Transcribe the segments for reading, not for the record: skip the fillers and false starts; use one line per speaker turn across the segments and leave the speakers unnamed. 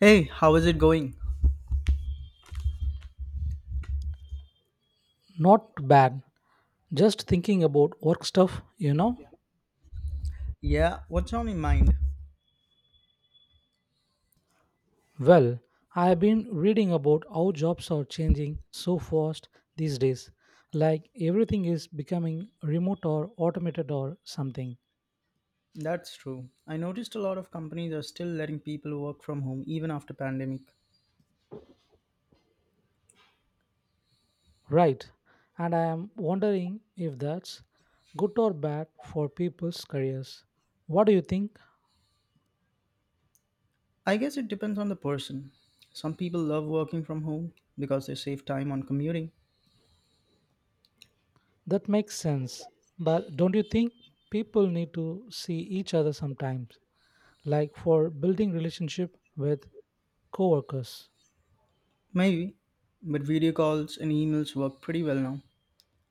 Hey, how is it going?
Not bad. Just thinking about work stuff, you know?
Yeah, what's on your mind?
Well, I have been reading about how jobs are changing so fast these days. Like everything is becoming remote or automated or something.
That's true. I noticed a lot of companies are still letting people work from home even after pandemic.
Right. And I am wondering if that's good or bad for people's careers. What do you think?
I guess it depends on the person. Some people love working from home because they save time on commuting.
That makes sense. But don't you think people need to see each other sometimes? Like for building relationship with coworkers.
Maybe, but video calls and emails work pretty well now.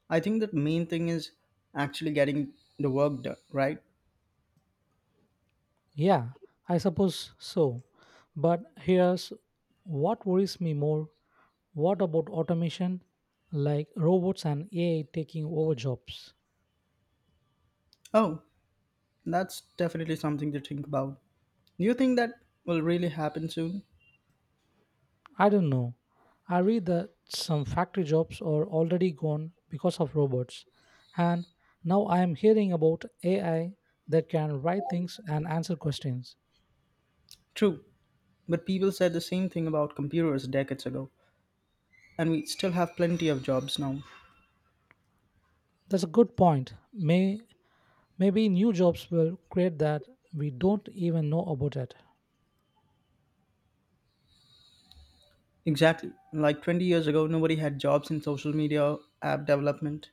I think the main thing is actually getting the work done, right?
Yeah, I suppose so. But here's what worries me more. What about automation, like robots and AI taking over jobs?
Oh, that's definitely something to think about. Do you think that will really happen soon?
I don't know. I read that some factory jobs are already gone because of robots. And now I am hearing about AI that can write things and answer questions.
True, but people said the same thing about computers decades ago, and we still have plenty of jobs now.
That's a good point. Maybe new jobs will create that we don't even know about it.
Exactly. Like 20 years ago, nobody had jobs in social media, app development.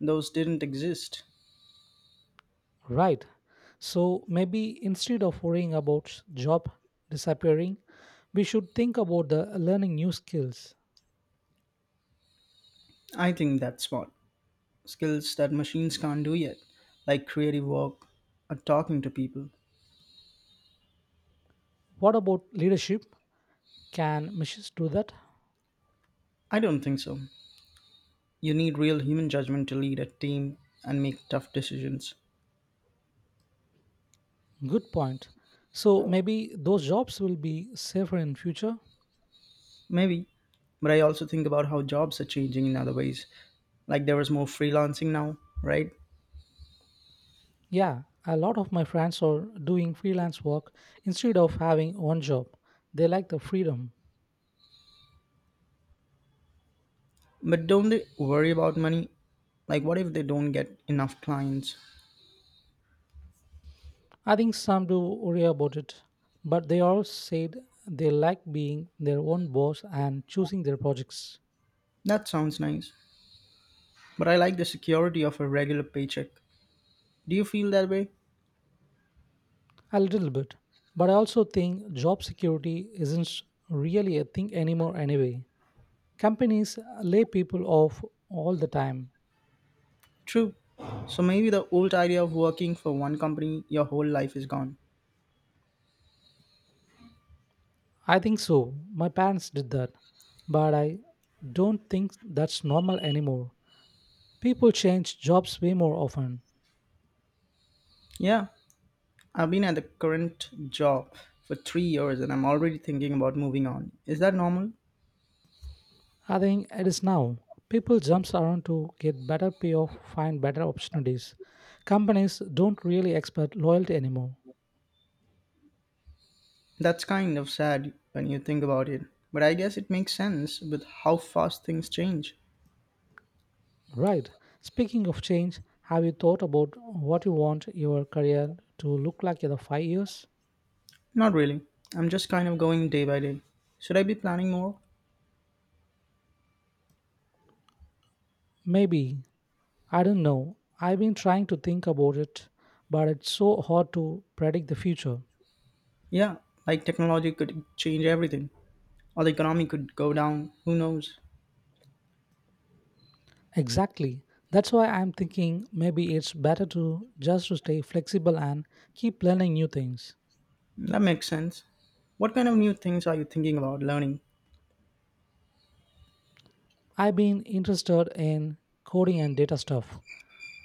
Those didn't exist.
Right. So maybe instead of worrying about job disappearing, we should think about the learning new skills.
I think that's smart. Skills that machines can't do yet, like creative work or talking to people.
What about leadership? Can machines do that?
I don't think so. You need real human judgment to lead a team and make tough decisions.
Good point. So maybe those jobs will be safer in future.
Maybe. But I also think about how jobs are changing in other ways. Like there was more freelancing now, right?
Yeah, a lot of my friends are doing freelance work instead of having one job. They like the freedom.
But don't they worry about money? Like what if they don't get enough clients?
I think some do worry about it, but they all said they like being their own boss and choosing their projects.
That sounds nice. But I like the security of a regular paycheck. Do you feel that way?
A little bit, but I also think job security isn't really a thing anymore anyway. Companies lay people off all the time.
True. So maybe the old idea of working for one company your whole life is gone.
I think so. My parents did that, but I don't think that's normal anymore. People change jobs way more often.
Yeah, I've been at the current job for 3 years and I'm already thinking about moving on. Is that normal?
I think it is now. People jumps around to get better payoff, find better opportunities. Companies don't really expect loyalty anymore.
That's kind of sad when you think about it, but I guess it makes sense with how fast things change.
Right. Speaking of change, have you thought about what you want your career to look like in the 5 years?
Not really. I'm just kind of going day by day. Should I be planning more?
Maybe. I don't know. I've been trying to think about it, but it's so hard to predict the future.
Yeah, like technology could change everything, or the economy could go down. Who knows?
Exactly. That's why I'm thinking maybe it's better to just to stay flexible and keep learning new things.
That makes sense. What kind of new things are you thinking about learning?
I've been interested in coding and data stuff.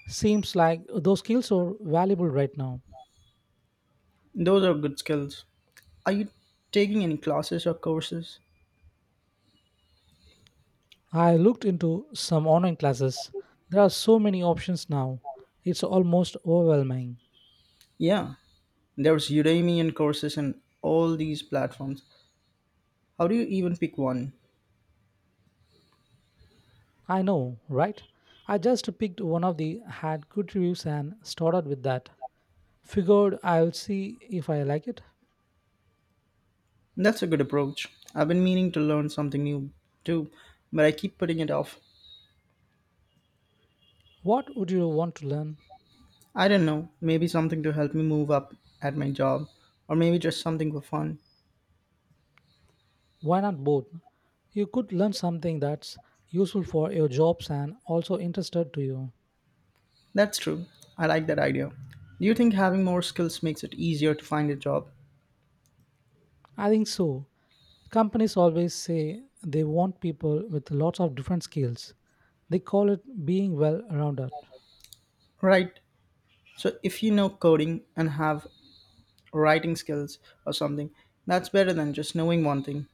Seems like those skills are valuable right now.
Those are good skills. Are you taking any classes or courses?
I looked into some online classes. There are so many options now. It's almost overwhelming.
Yeah, there's Udemy and courses and all these platforms. How do you even pick one?
I know, right? I just picked one of the had good reviews and started with that. Figured I'll see if I like it.
That's a good approach. I've been meaning to learn something new too, but I keep putting it off.
What would you want to learn?
I don't know, maybe something to help me move up at my job, or maybe just something for fun.
Why not both? You could learn something that's useful for your jobs and also interested to you.
That's true. I like that idea. Do you think having more skills makes it easier to find a job?
I think so. Companies always say they want people with lots of different skills. They call it being well rounded.
Right. So if you know coding and have writing skills or something, that's better than just knowing one thing.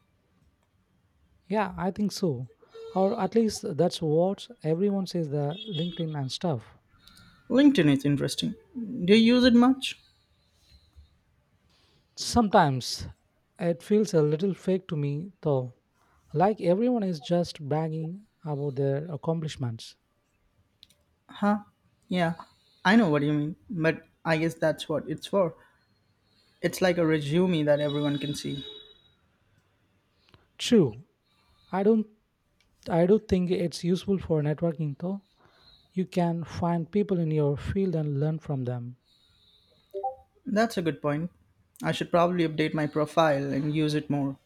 Yeah, I think so. Or at least that's what everyone says the LinkedIn and stuff.
LinkedIn is interesting. Do you use it much?
Sometimes it feels a little fake to me though. Like everyone is just bragging about their accomplishments.
Huh? Yeah, I know what you mean, but I guess that's what it's for. It's like a resume that everyone can see.
True. I don't I do think it's useful for networking though. You can find people in your field and learn from them.
That's a good point. I should probably update my profile and use it more.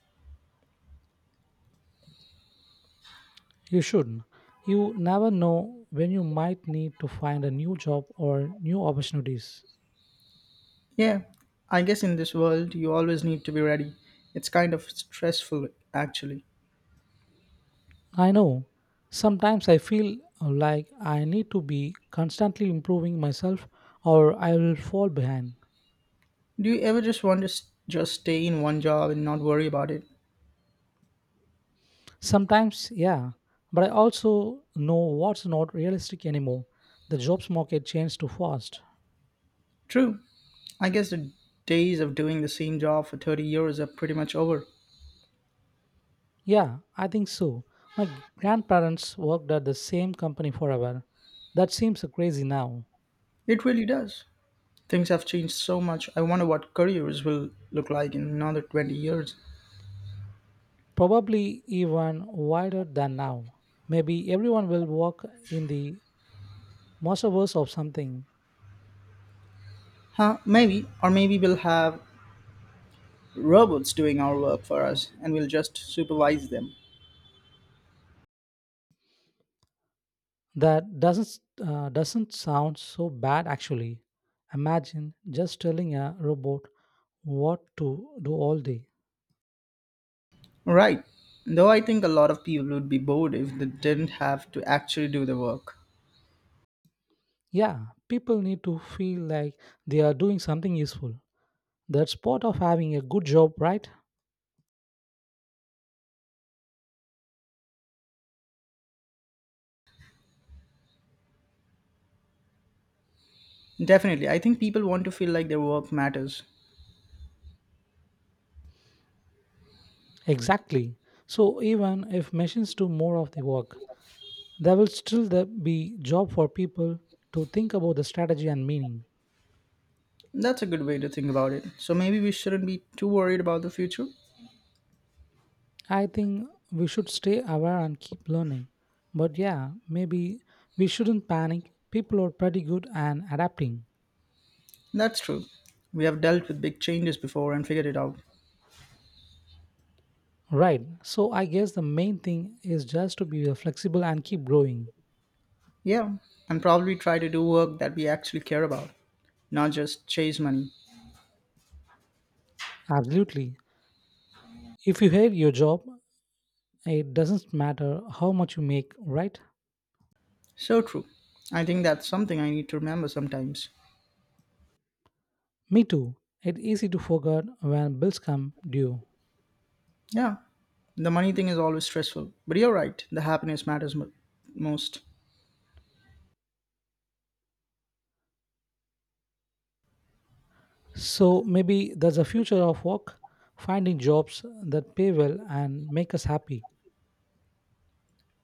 You should. You never know when you might need to find a new job or new opportunities.
Yeah, I guess in this world you always need to be ready. It's kind of stressful actually.
I know. Sometimes I feel like I need to be constantly improving myself or I will fall behind.
Do you ever just want to just stay in one job and not worry about it?
Sometimes, yeah, but I also know what's not realistic anymore. The jobs market changed too fast.
True. I guess the days of doing the same job for 30 years are pretty much over.
Yeah, I think so. My grandparents worked at the same company forever. That seems crazy now.
It really does. Things have changed so much. I wonder what careers will look like in another 20 years.
Probably even wider than now. Maybe everyone will work in the metaverse of something.
Huh, maybe, or maybe we'll have robots doing our work for us and we'll just supervise them.
That doesn't sound so bad actually. Imagine just telling a robot what to do all day.
Right. Though I think a lot of people would be bored if they didn't have to actually do the work.
Yeah, people need to feel like they are doing something useful. That's part of having a good job, right?
Definitely. I think people want to feel like their work matters.
Exactly. So even if machines do more of the work, there will be job for people to think about the strategy and meaning.
That's a good way to think about it. So maybe we shouldn't be too worried about the future.
I think we should stay aware and keep learning. But yeah, maybe we shouldn't panic. People are pretty good at adapting.
That's true. We have dealt with big changes before and figured it out.
Right. So I guess the main thing is just to be flexible and keep growing.
Yeah. And probably try to do work that we actually care about, not just chase money.
Absolutely. If you hate your job, it doesn't matter how much you make, right?
So true. I think that's something I need to remember sometimes.
Me too. It's easy to forget when bills come due.
Yeah, the money thing is always stressful, but you're right, the happiness matters most.
So maybe that's the future of work, finding jobs that pay well and make us happy.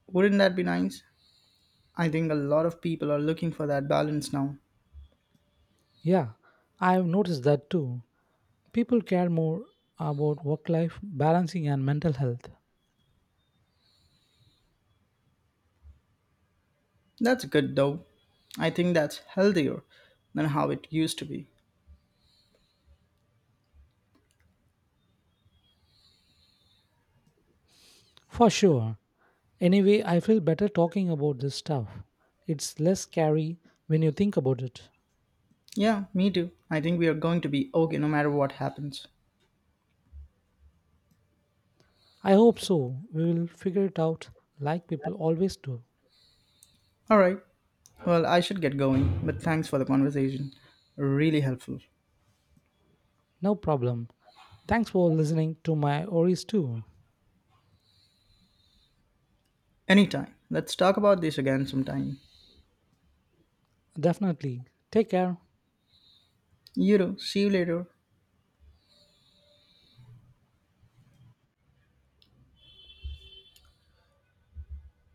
Wouldn't that be nice? I think a lot of people are looking for that balance now.
Yeah, I've noticed that too. People care more about work life balancing and mental health.
That's good though. I think that's healthier than how it used to be.
For sure. Anyway, I feel better talking about this stuff. It's less scary when you think about it.
Yeah, me too. I think we are going to be okay no matter what happens.
I hope so. We will figure it out like people always do.
Alright, well, I should get going, but thanks for the conversation. Really helpful.
No problem. Thanks for listening to my worries too.
Anytime. Let's talk about this again sometime.
Definitely. Take care.
You know, see you later.